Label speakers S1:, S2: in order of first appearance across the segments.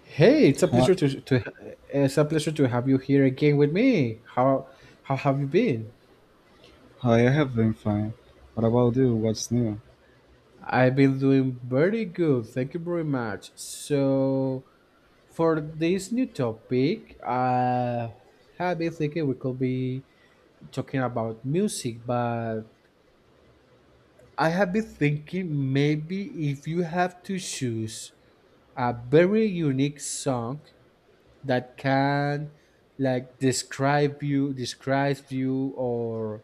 S1: Hey, it's a
S2: Hi,
S1: pleasure to it's a pleasure to have you here again with me. How have you been?
S2: hi, I have been fine. What about you? What's new?
S1: I've been doing very good. Thank you very much. So for this new topic, I have been thinking we could be talking about music, but I have been thinking maybe if you have to choose a very unique song that can like describe you, describes you or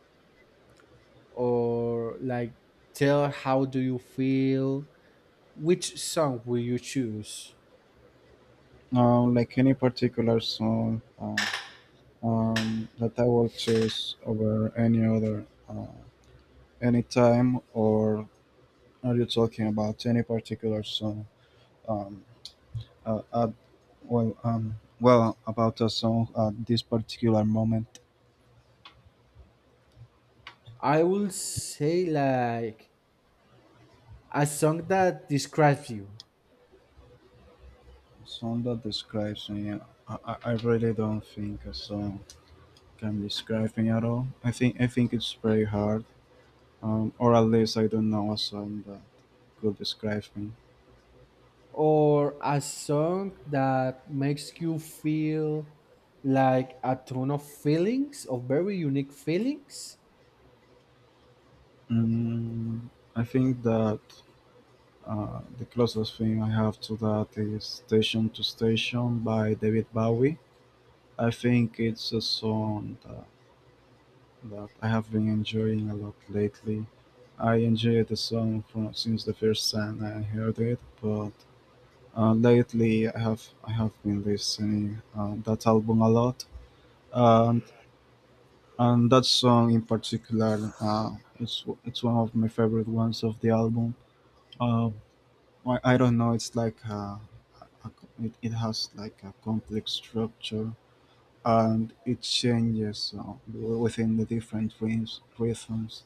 S1: or like tell how do you feel which song will you choose
S2: Like any particular song that I will choose over any other any time, or are you talking about any particular song? Um, uh, at, well, um, about a song at this particular moment,
S1: I will say like a song that describes you
S2: song that describes me. I really don't think a song can describe me at all. I think it's very hard, or at least I don't know a song that could describe me.
S1: or a song that makes you feel like a ton of feelings of very unique feelings
S2: Mm, I think that, the closest thing I have to that is Station to Station by David Bowie. I think it's a song that I have been enjoying a lot lately. I enjoyed the song from since the first time I heard it, but, lately I have been listening, that album a lot. Um, and that song in particular, it's one of my favorite ones of the album. Uh, I, I don't know, it's like it has like a complex structure, and it changes, within the different rhythms,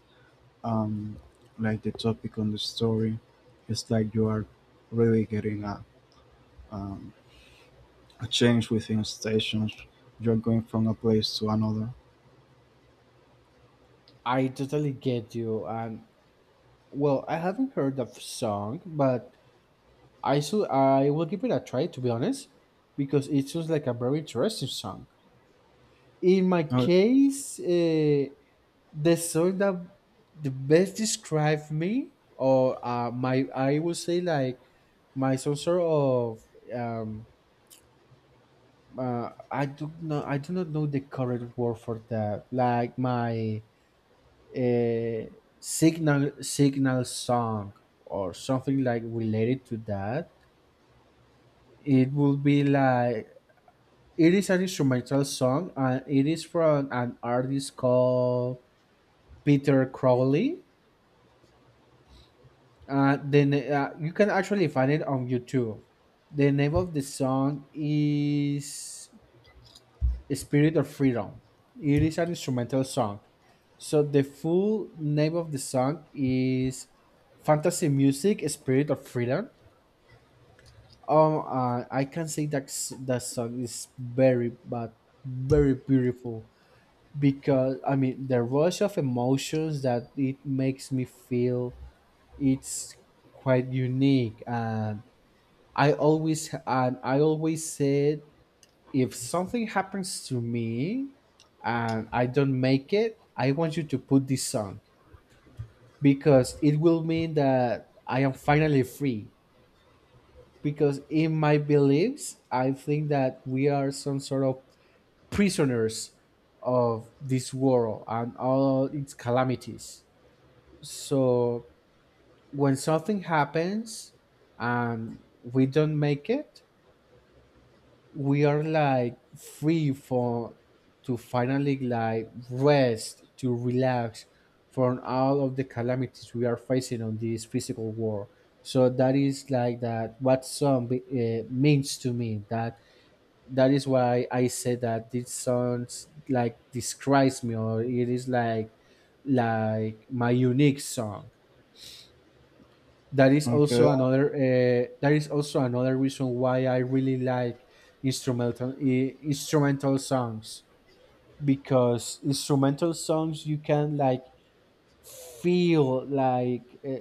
S2: um, like the topic on the story. It's like you are really getting um, a change within stations. You're going from a place to another.
S1: I totally get you and well I haven't heard the song but I should I will give it a try to be honest because it sounds like a very interesting song in my
S2: O-
S1: case, the song that the best describe me, or my I would say like my some sort of um, I do not know the correct word for that. Like my uh, signal song or something like related to that. It will be like it is an instrumental song and it is from an artist called Peter Crowley. Then you can actually find it on YouTube. The name of the song is "Spirit of Freedom." It is an instrumental song. So the full name of the song is "Fantasy Music: Spirit of Freedom." Oh, I can say that that song is very, but very beautiful because I mean the rush of emotions that it makes me feel. It's quite unique and I always said if something happens to me and I don't make it, I want you to put this song because it will mean that I am finally free. Because in my beliefs, I think that we are some sort of prisoners of this world and all its calamities. So when something happens and we don't make it, we are like free for to finally like rest to relax from all of the calamities we are facing on this physical world so that is like that what song means to me that that is why I say that this song like describes me or it is like my unique song that is also
S2: okay.
S1: another reason why I really like instrumental instrumental songs because instrumental songs you can like feel like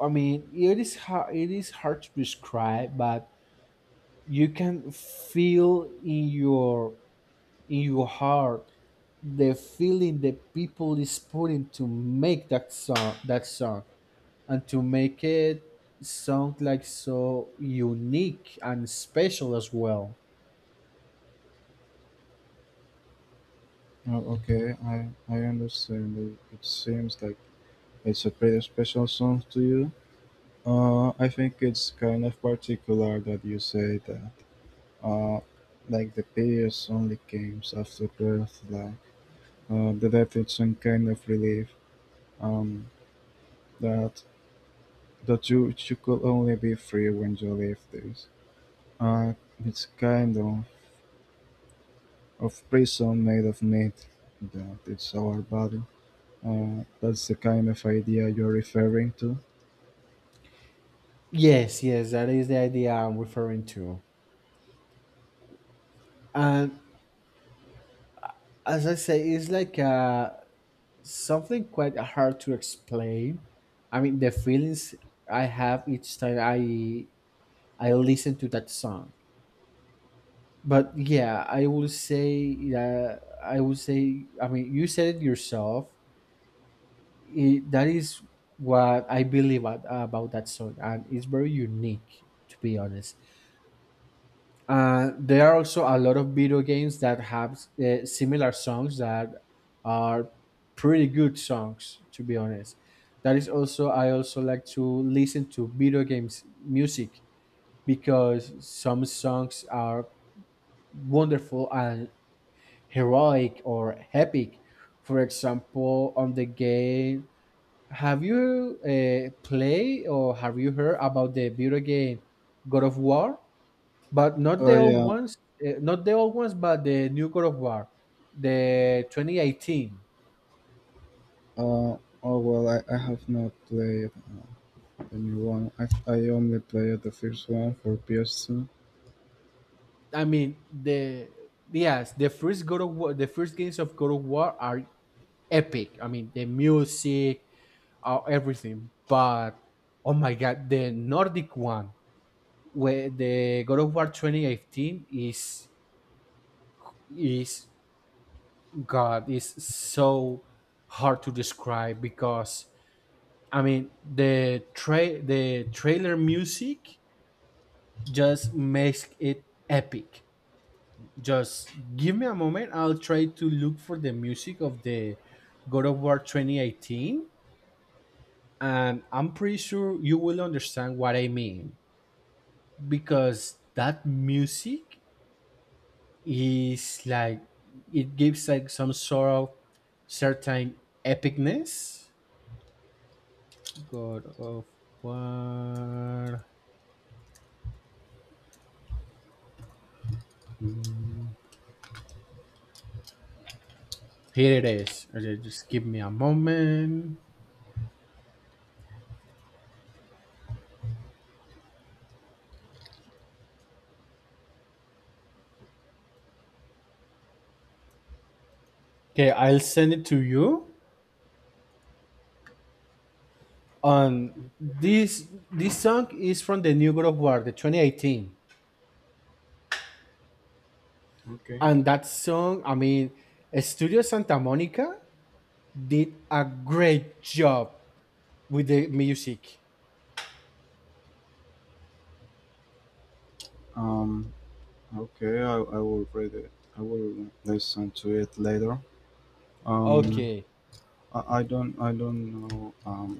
S1: I mean it is hard to describe but you can feel in your heart the feeling that people is putting to make that song and to make it sound like so unique and special as well.
S2: Oh, okay, I understand. It seems like it's a pretty special song to you. I think it's kind of particular that you say that. Uh, like the peace only came after birth. Like, the death is some kind of relief. Um, that that you could only be free when you leave this. Uh, it's kind of prison made of meat. That it's our body. That's the kind of idea you're referring to.
S1: Yes, yes, that is the idea I'm referring to. And as I say, it's like something quite hard to explain. I mean, the feelings I have each time I listen to that song. But yeah, I will say that I will say. I mean, you said it yourself. It, that is what I believe at, about that song, and it's very unique to be honest. There are also a lot of video games that have similar songs that are pretty good songs to be honest. That is also I also like to listen to video games music because some songs are wonderful and heroic or epic. For example, on the game have you played or have you heard about the video game God of War? But not the
S2: Oh
S1: old
S2: yeah.
S1: ones, but the new God of War, the 2018.
S2: Uh, oh well, I have not played the new one. I only played the first one for PS2.
S1: I mean, the yes, the first God of War, the first games of God of War are epic. I mean, the music, everything. But oh my god, the Nordic one, where the God of War 2018 is God is so hard to describe because I mean the the trailer music just makes it epic. Just give me a moment. I'll try to look for the music of the God of War 2018, and I'm pretty sure you will understand what I mean because that music is like it gives like some sort of certain epicness God of War. Here it is. Okay, just give me a moment. Okay, I'll send it to you. And this song is from the new God of War, the 2018.
S2: Okay.
S1: And that song, I mean, Studio Santa Monica did a great job with the music.
S2: Um, okay, I will read it. I will listen to it later. Um,
S1: Okay.
S2: I don't know,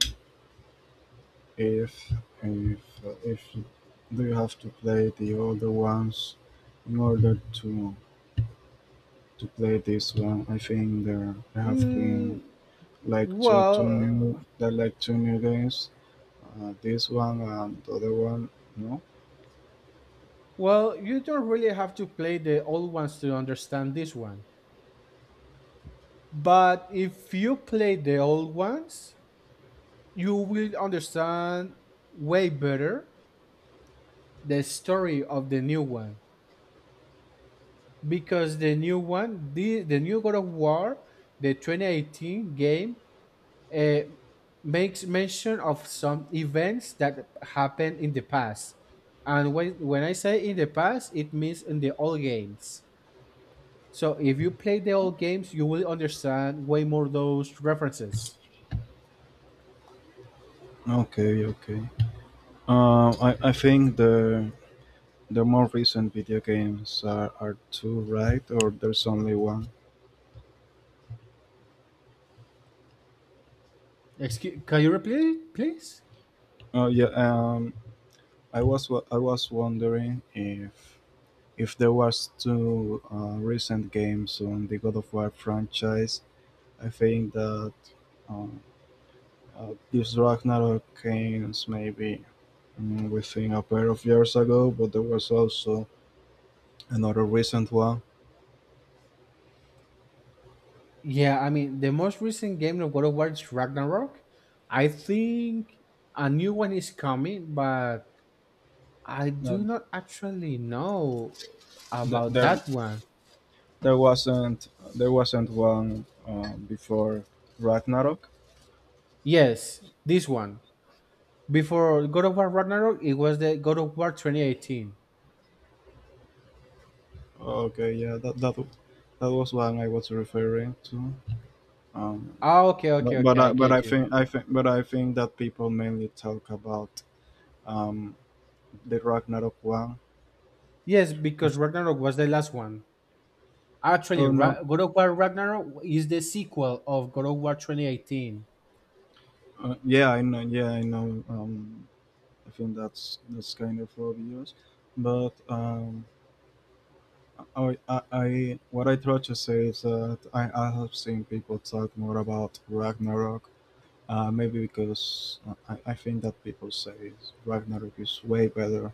S2: if if, do you have to play the older ones in order to play this one? I think
S1: Mm, well, uh,
S2: there are like two new games. This one and the other one, no.
S1: well, you don't really have to play the old ones to understand this one. But if you play the old ones, you will understand way better the story of the new one because the new one, the new God of War, the 2018 game, uh, makes mention of some events that happened in the past. And when I say in the past, it means in the old games. So if you play the old games, you will understand way more those references.
S2: Okay, okay, I think the more recent video games are two, right? Or there's only one?
S1: Excuse, can you repeat, it, please?
S2: Oh yeah. I was wondering if there was two, recent games on the God of War franchise. I think that, um, this Ragnarok came maybe, within a pair of years ago, but there was also another recent one.
S1: Yeah, I mean, the most recent game of God of War is Ragnarok. I think a new one is coming, but I do not actually know
S2: th-
S1: about
S2: there
S1: that one.
S2: there wasn't there wasn't one, before Ragnarok.
S1: Yes, this one. Before God of War Ragnarok, it was the God of War 2018.
S2: Okay, yeah, that was one I was referring to. Um,
S1: Ah, okay, okay, okay, I
S2: but
S1: get you.
S2: I think but I think that people mainly talk about, um, the Ragnarok one.
S1: Yes, because
S2: If-
S1: Ragnarok was the last one. Actually,
S2: oh no,
S1: God of War Ragnarok is the sequel of God of War 2018.
S2: yeah I know, yeah I know. I think that's kind of obvious, but. I what I try to say is that I have seen people talk more about Ragnarok. Maybe because, I think that people say Ragnarok is way better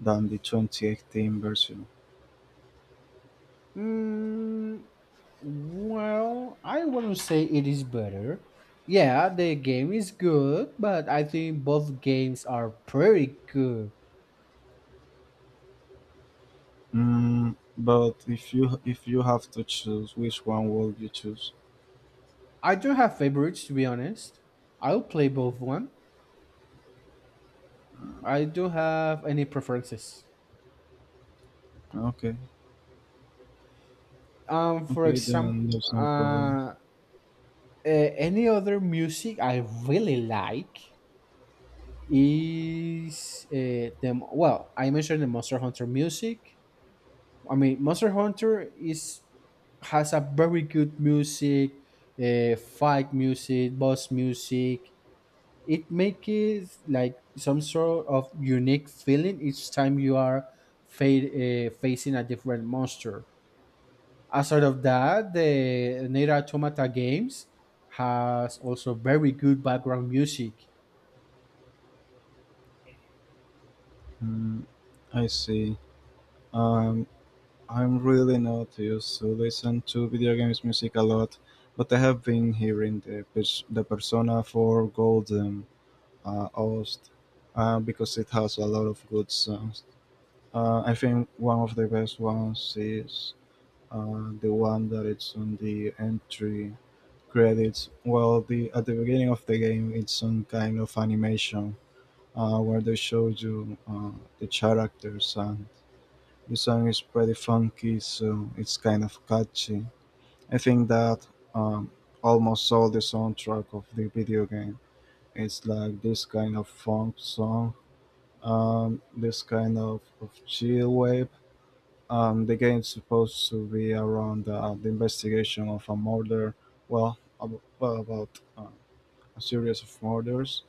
S2: than the 2018 version.
S1: Hmm. Well, I wouldn't say it is better. Yeah, the game is good, but I think both games are pretty good.
S2: But if you have to choose, which one will you choose?
S1: I don't have favorites to be honest. I'll play both one. I don't have any preferences.
S2: Okay,
S1: For
S2: okay,
S1: example,
S2: then there's no problem.
S1: uh, any other music I really like is the well, I mentioned the Monster Hunter music. I mean, Monster Hunter is has a very good music, fight music, boss music. It makes it like some sort of unique feeling each time you are facing a different monster. Aside of that, the Nier Automata games has also very good background music.
S2: Mm, I see. Um, I'm really not used to listen to video games music a lot, but I have been hearing the Persona 4 Golden, OST, because it has a lot of good songs. I think one of the best ones is, the one that it's on the entry credits. Well, the at the beginning of the game, it's some kind of animation, where they show you, the characters, and the song is pretty funky, so it's kind of catchy. I think that, um, almost all the soundtrack of the video game is like this kind of funk song, this kind of chill wave. The game's supposed to be around, the investigation of a murder, well, about, a series of murders.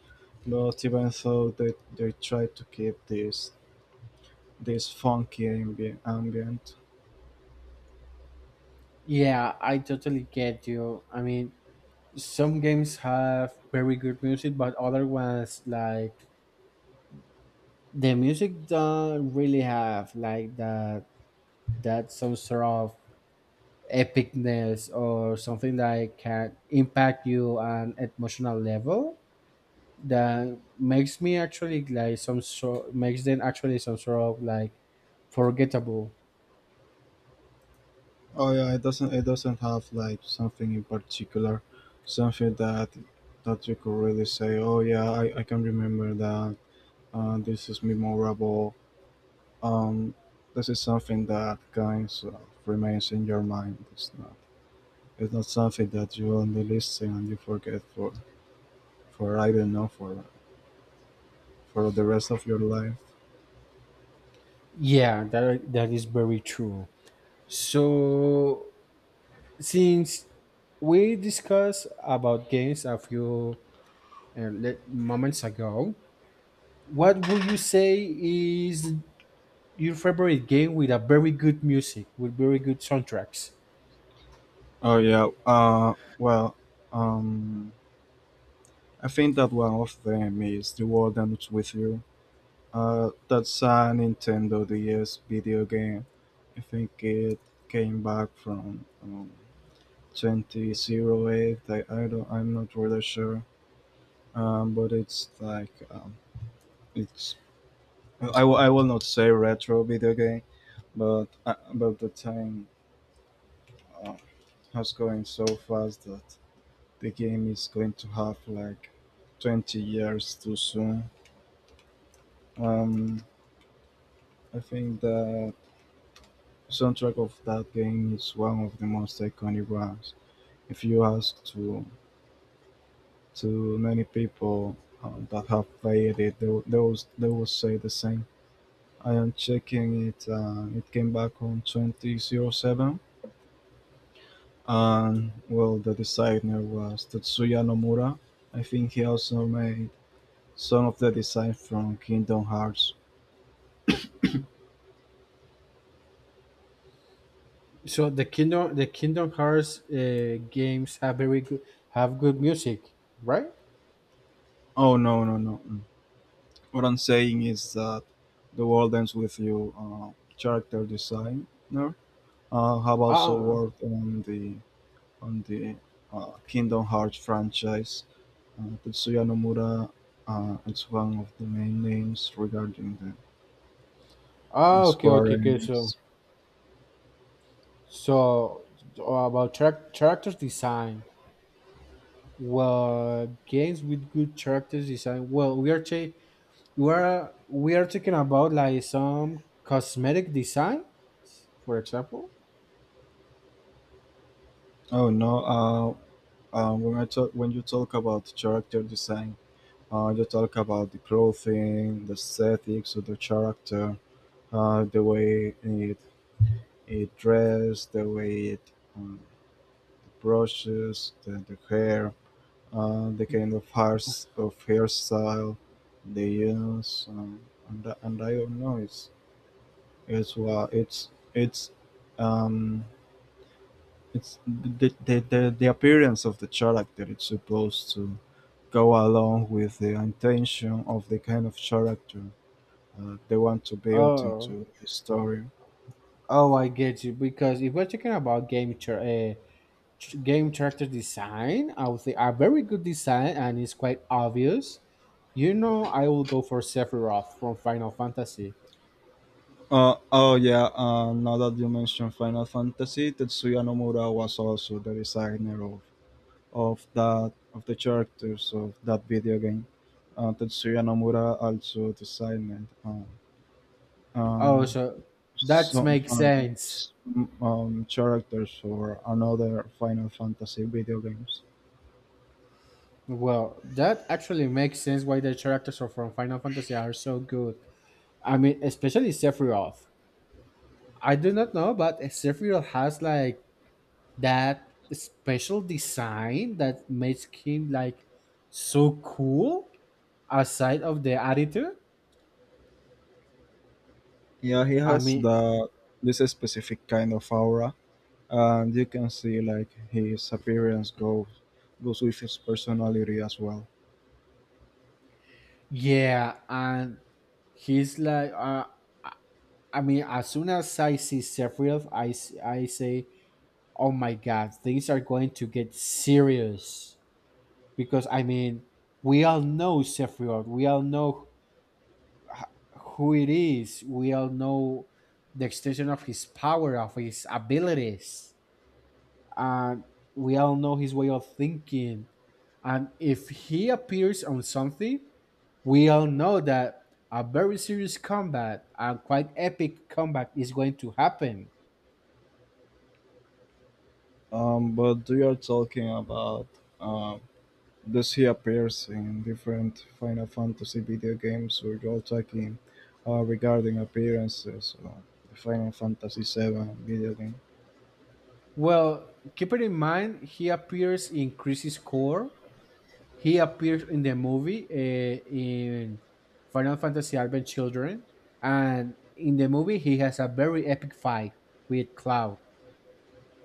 S2: But even though they try to keep this funky ambient,
S1: Yeah, I totally get you. I mean, some games have very good music, but other ones like the music don't really have like that that some sort of epicness or something that can impact you on emotional level that makes me actually like some sort makes them actually some sort of like forgettable
S2: Oh yeah, it doesn't have like something in particular, something that you could really say, "Oh yeah, I can remember that." This is memorable. Um, this is something that kind of remains in your mind. It's not something that you only listen and you forget for, I don't know, for the rest of your life.
S1: yeah that that is very true so since we discussed about games a few moments ago what would you say is your favorite game with a very good music, with very good soundtracks.
S2: Oh yeah. Well, um, I think that one of them is The World Ends with You. That's a Nintendo DS video game. I think it came back from, 2008. I don't, I'm not really sure. But it's like, it's, I will not say retro video game, but the time, uh, has going so fast that the game is going to have like 20 years too soon. Um, I think that the soundtrack of that game is one of the most iconic ones. If you ask to to many people, that have played it, they will say the same. I am checking it. It came back on 2007, and, well, the designer was Tetsuya Nomura. I think he also made some of the design from Kingdom Hearts.
S1: So the Kingdom Hearts games have very good have good music, right?
S2: Oh, no, no, no! Mm. What I'm saying is that The World Ends with You, character designer, have also
S1: Ah,
S2: worked on the, Kingdom Hearts franchise. Tetsuya Nomura, is one of the main names regarding the
S1: ah, okay, okay,
S2: Square
S1: okay. So,
S2: Enix.
S1: so about character design. Well, games with good character design. Well, we are ta- we are talking about like some cosmetic design, for example.
S2: Oh, no! When you talk about character design, you talk about the clothing, the aesthetics of the character, the way it dressed, the way it, brushes the hair, the kind of hairstyle they use, and I don't know, it's it's wa- it's it's um it's the appearance of the character. It's supposed to go along with the intention of the kind of character, they want to build
S1: Oh,
S2: into the story.
S1: oh, I get you. Because if we're talking about game uh, game character design, I would say a very good design and it's quite obvious. You know, I will go for Sephiroth from Final Fantasy.
S2: Oh yeah, now that you mentioned Final Fantasy, Tetsuya Nomura was also the designer of the characters of that video game. Tetsuya Nomura also designed,
S1: Oh,
S2: um,
S1: so that
S2: some,
S1: makes sense.
S2: characters for another Final Fantasy video games.
S1: Well, that actually makes sense why the characters are from Final Fantasy are so good. I mean, especially Sephiroth. I do not know, but Sephiroth has like that special design that makes him like so cool aside of the attitude
S2: Yeah, he
S1: I
S2: has
S1: mean
S2: the this specific kind of aura, and you can see like his appearance goes with his personality as well.
S1: yeah and he's like I mean as soon as I see sephiroth I say oh my god things are going to get serious because I mean we all know sephiroth we all know who it is we all know the extension of his power of his abilities and we all know his way of thinking. And if he appears on something, we all know that a very serious combat and quite epic combat is going to happen.
S2: But we are talking about, uh, thus he appears in different Final Fantasy video games without talking, regarding appearances on the Final Fantasy VII video game.
S1: Well, keep it in mind, he appears in Chris's core. He appears in the movie in Final Fantasy Advent Children. And in the movie, he has a very epic fight with Cloud.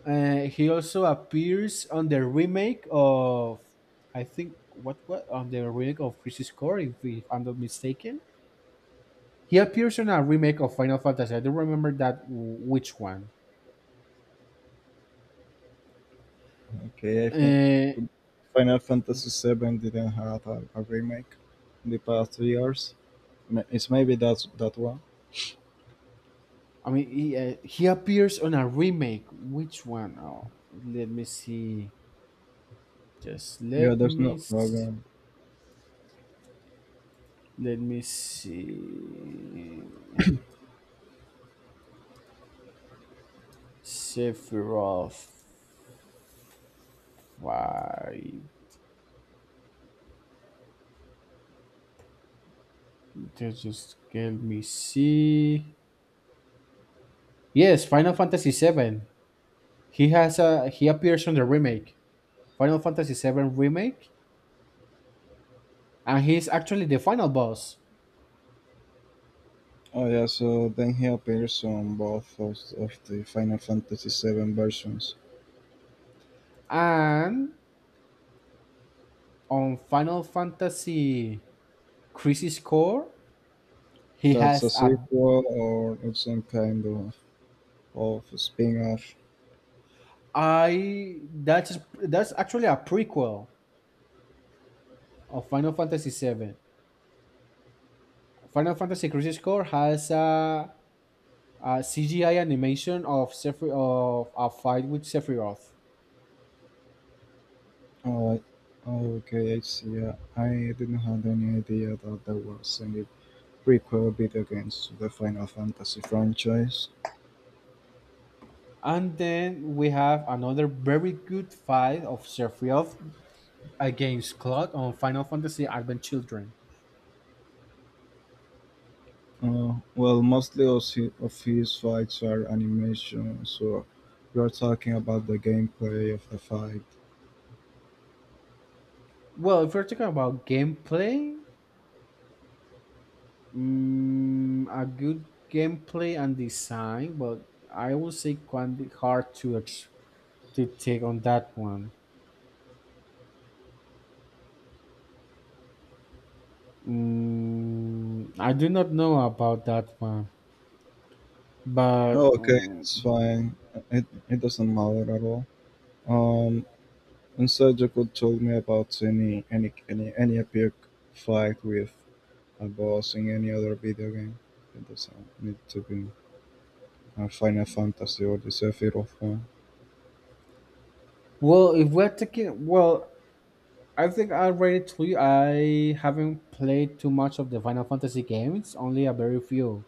S1: He also appears on the remake of, I think, what on the remake of Crisis Core, if I'm not mistaken. He appears on a remake of Final Fantasy. I don't remember that which one.
S2: Okay, I think
S1: Uh,
S2: Final Fantasy VII didn't have a remake in the past 3 years. It's maybe that's that one.
S1: I mean, he appears on a remake. Which one? Oh, let me see. Just
S2: Yeah,
S1: let
S2: there's
S1: me
S2: no problem.
S1: let me see. Sephiroth. Five. Just let me see. Yes, Final Fantasy VII. He has a he appears on the remake, Final Fantasy VII remake, and he's actually the final boss.
S2: Oh yeah, so then he appears on both of the Final Fantasy VII versions.
S1: And on Final Fantasy Crisis Core, he
S2: That's
S1: has
S2: a
S1: a
S2: sequel, or it's some kind of spin-off?
S1: I that's actually a prequel of Final Fantasy VII. Final Fantasy Crisis Core has a CGI animation of of a fight with Sephiroth.
S2: Oh, oh, okay, I see. I didn't have any idea that there was any prequel video games to the Final Fantasy franchise.
S1: And then we have another very good fight of Sephiroth against Cloud on Final Fantasy Advent Children.
S2: Well, mostly of his fights are animation, so you're talking about the gameplay of the fight.
S1: Well, if we're talking about gameplay, mm, a good gameplay and design, but I will say quite hard to to take on that one. Mm, I do not know about that one, but
S2: Oh, okay,
S1: mm,
S2: it's fine. It doesn't matter at all. Um, instead, you could tell me about any epic fight with a boss in any other video game. It doesn't need to be. And Final Fantasy Odyssey Sephiroth.
S1: well, if we're taking well, I think I already told you I haven't played too much of the Final Fantasy games, only a very few.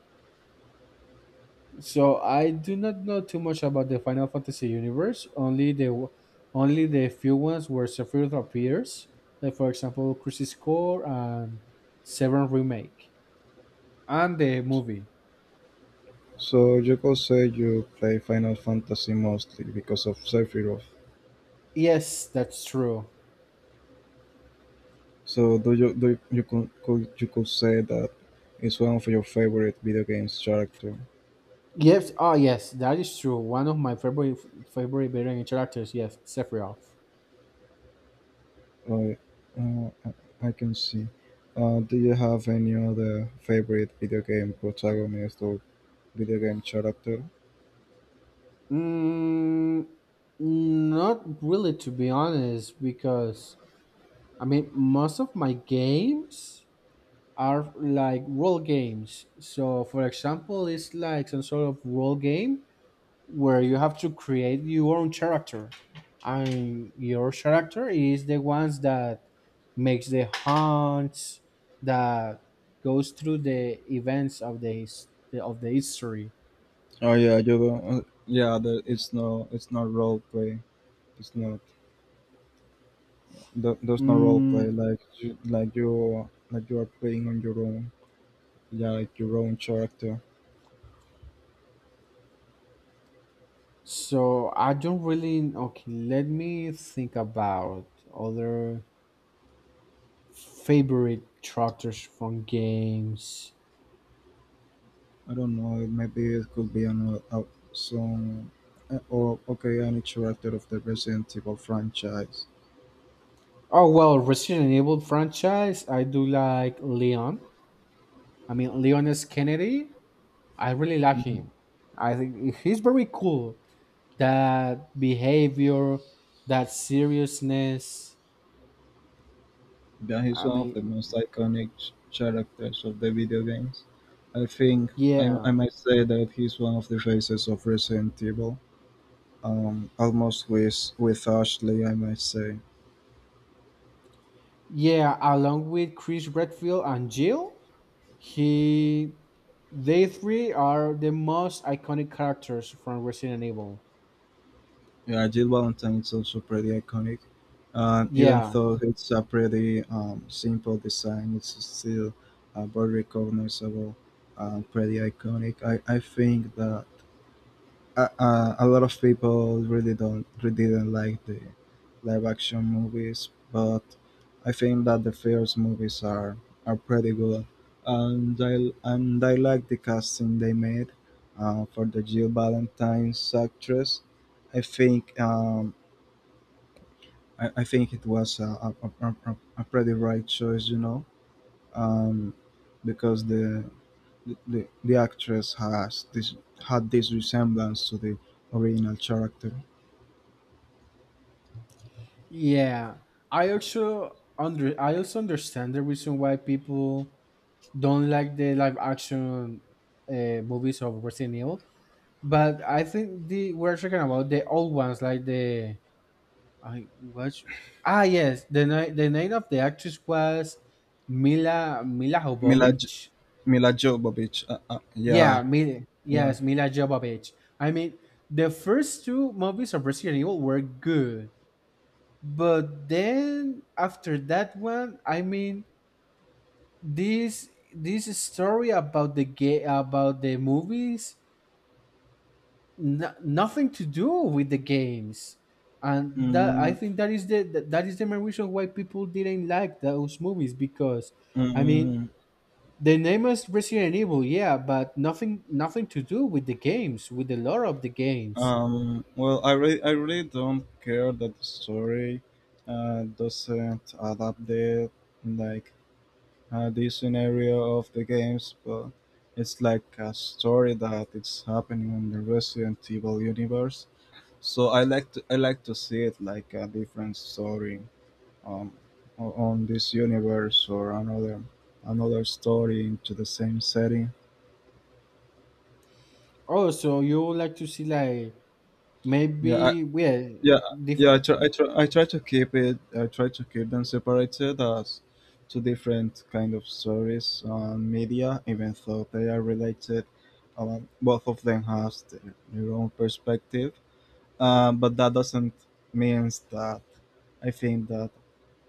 S1: So I do not know too much about the Final Fantasy universe. Only the few ones where Sephiroth appears, like for example, Crisis Core and Seven Remake, and the movie.
S2: So you could say you play Final Fantasy mostly because of Sephiroth.
S1: Yes, that's true.
S2: So do you, you could you could say that it's one of your favorite video games character?
S1: Yes, oh yes, that is true. One of my favorite video game characters. Yes, Sephiroth.
S2: Right. I can see. Do you have any other favorite video game protagonist or video game character?
S1: Mm, not really, to be honest, because I mean, most of my games are like role games. So, for example, it's like some sort of role game where you have to create your own character, and your character is the ones that makes the hunts, that goes through the events of the of the history.
S2: Oh yeah, you don't. Yeah, it's no, it's not role play. It's not. There's no role
S1: Mm,
S2: play like you are playing on your own. Yeah, like your own character.
S1: so I don't really okay. Let me think about other favorite characters from games.
S2: I don't know, maybe it could be on a some or okay, any character of the Resident Evil franchise.
S1: Oh well, Resident Evil franchise. I do like Leon. I mean, Leon S. Kennedy. I really like
S2: Mhm.
S1: him. I think he's very cool. That behavior, that seriousness.
S2: Yeah, he's
S1: I
S2: one of the
S1: mean,
S2: most iconic characters of the video games, I think. I,
S1: yeah,
S2: I might say that he's one of the faces of Resident Evil, um almost with Ashley, I might say.
S1: yeah. Along with Chris Redfield and Jill, he they three are the most iconic characters from Resident Evil.
S2: Yeah, Jill Valentine is also pretty iconic. And even
S1: Yeah,
S2: though it's a pretty, simple design, it's still, very recognizable and pretty iconic. I think that, a lot of people really don't really didn't like the live action movies, but I think that the first movies are pretty good. And I and I like the casting they made, for the Jill Valentine's actress. I think, it was a pretty right choice, um, because the actress has this had this resemblance to the original character.
S1: yeah. I also understand the reason why people don't like the live action movies of Resident Evil, but I think the we're talking about the old ones like the I watch ah yes the night the name of the actress was Mila
S2: Mila J-
S1: Jovovich.
S2: Mila Jovovich. Yeah,
S1: Yeah, Mila,
S2: yeah.
S1: yes, Mila Jovovich. I mean, the first two movies of Resident Evil were good, but then after that one, I mean, this this story about the about the movies, no, nothing to do with the games, and that I
S2: Mm,
S1: think that is the main reason why people didn't like those movies because, I mean,
S2: mm,
S1: the name is Resident Evil, yeah, but nothing nothing to do with the games, with the lore of the games.
S2: well, I really don't care that the story, doesn't adapt like the scenario of the games, but it's like a story that it's happening in the Resident Evil universe. So I like to see it like a different story, um, on this universe or another story into the same setting.
S1: Oh, so you would like to see like
S2: Yeah,
S1: maybe yeah
S2: yeah, yeah,
S1: different.
S2: I try to keep them separated as two different kind of stories on media, even though they are related. Both of them has their own perspective. But that doesn't means that I think that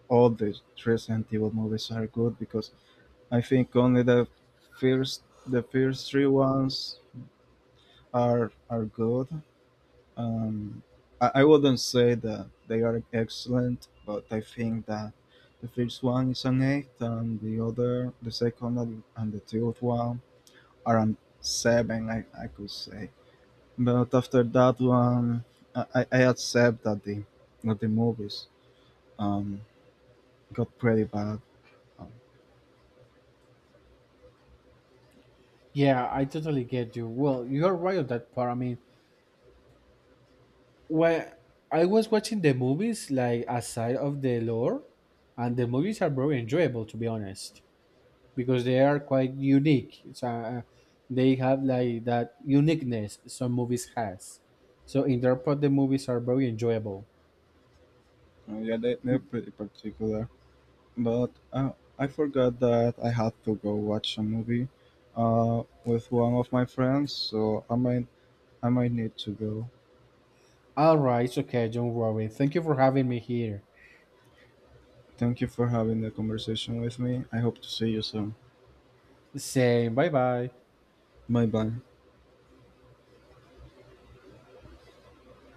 S2: all the Resident Evil movies are good, because I think only the first three ones are good. Um, I, I wouldn't say that they are excellent, but I think that the first one is an eight, and the other, the second and the third one are an seven, I could say. But after that one, I accept that the movies, um got pretty bad. Um,
S1: Yeah, I totally get you. Well, you're right on that part. I mean, when I was watching the movies, like aside of the lore, and the movies are very enjoyable to be honest, because they are quite unique. So they have like that uniqueness some movies has. So in their part, the movies are very enjoyable.
S2: yeah, they're pretty particular. But, I forgot that I had to go watch a movie, with one of my friends, so I might need to go.
S1: All right, okay, don't worry. Thank you for having me here.
S2: Thank you for having the conversation with me. I hope to see you soon.
S1: Same, bye bye.
S2: Bye bye.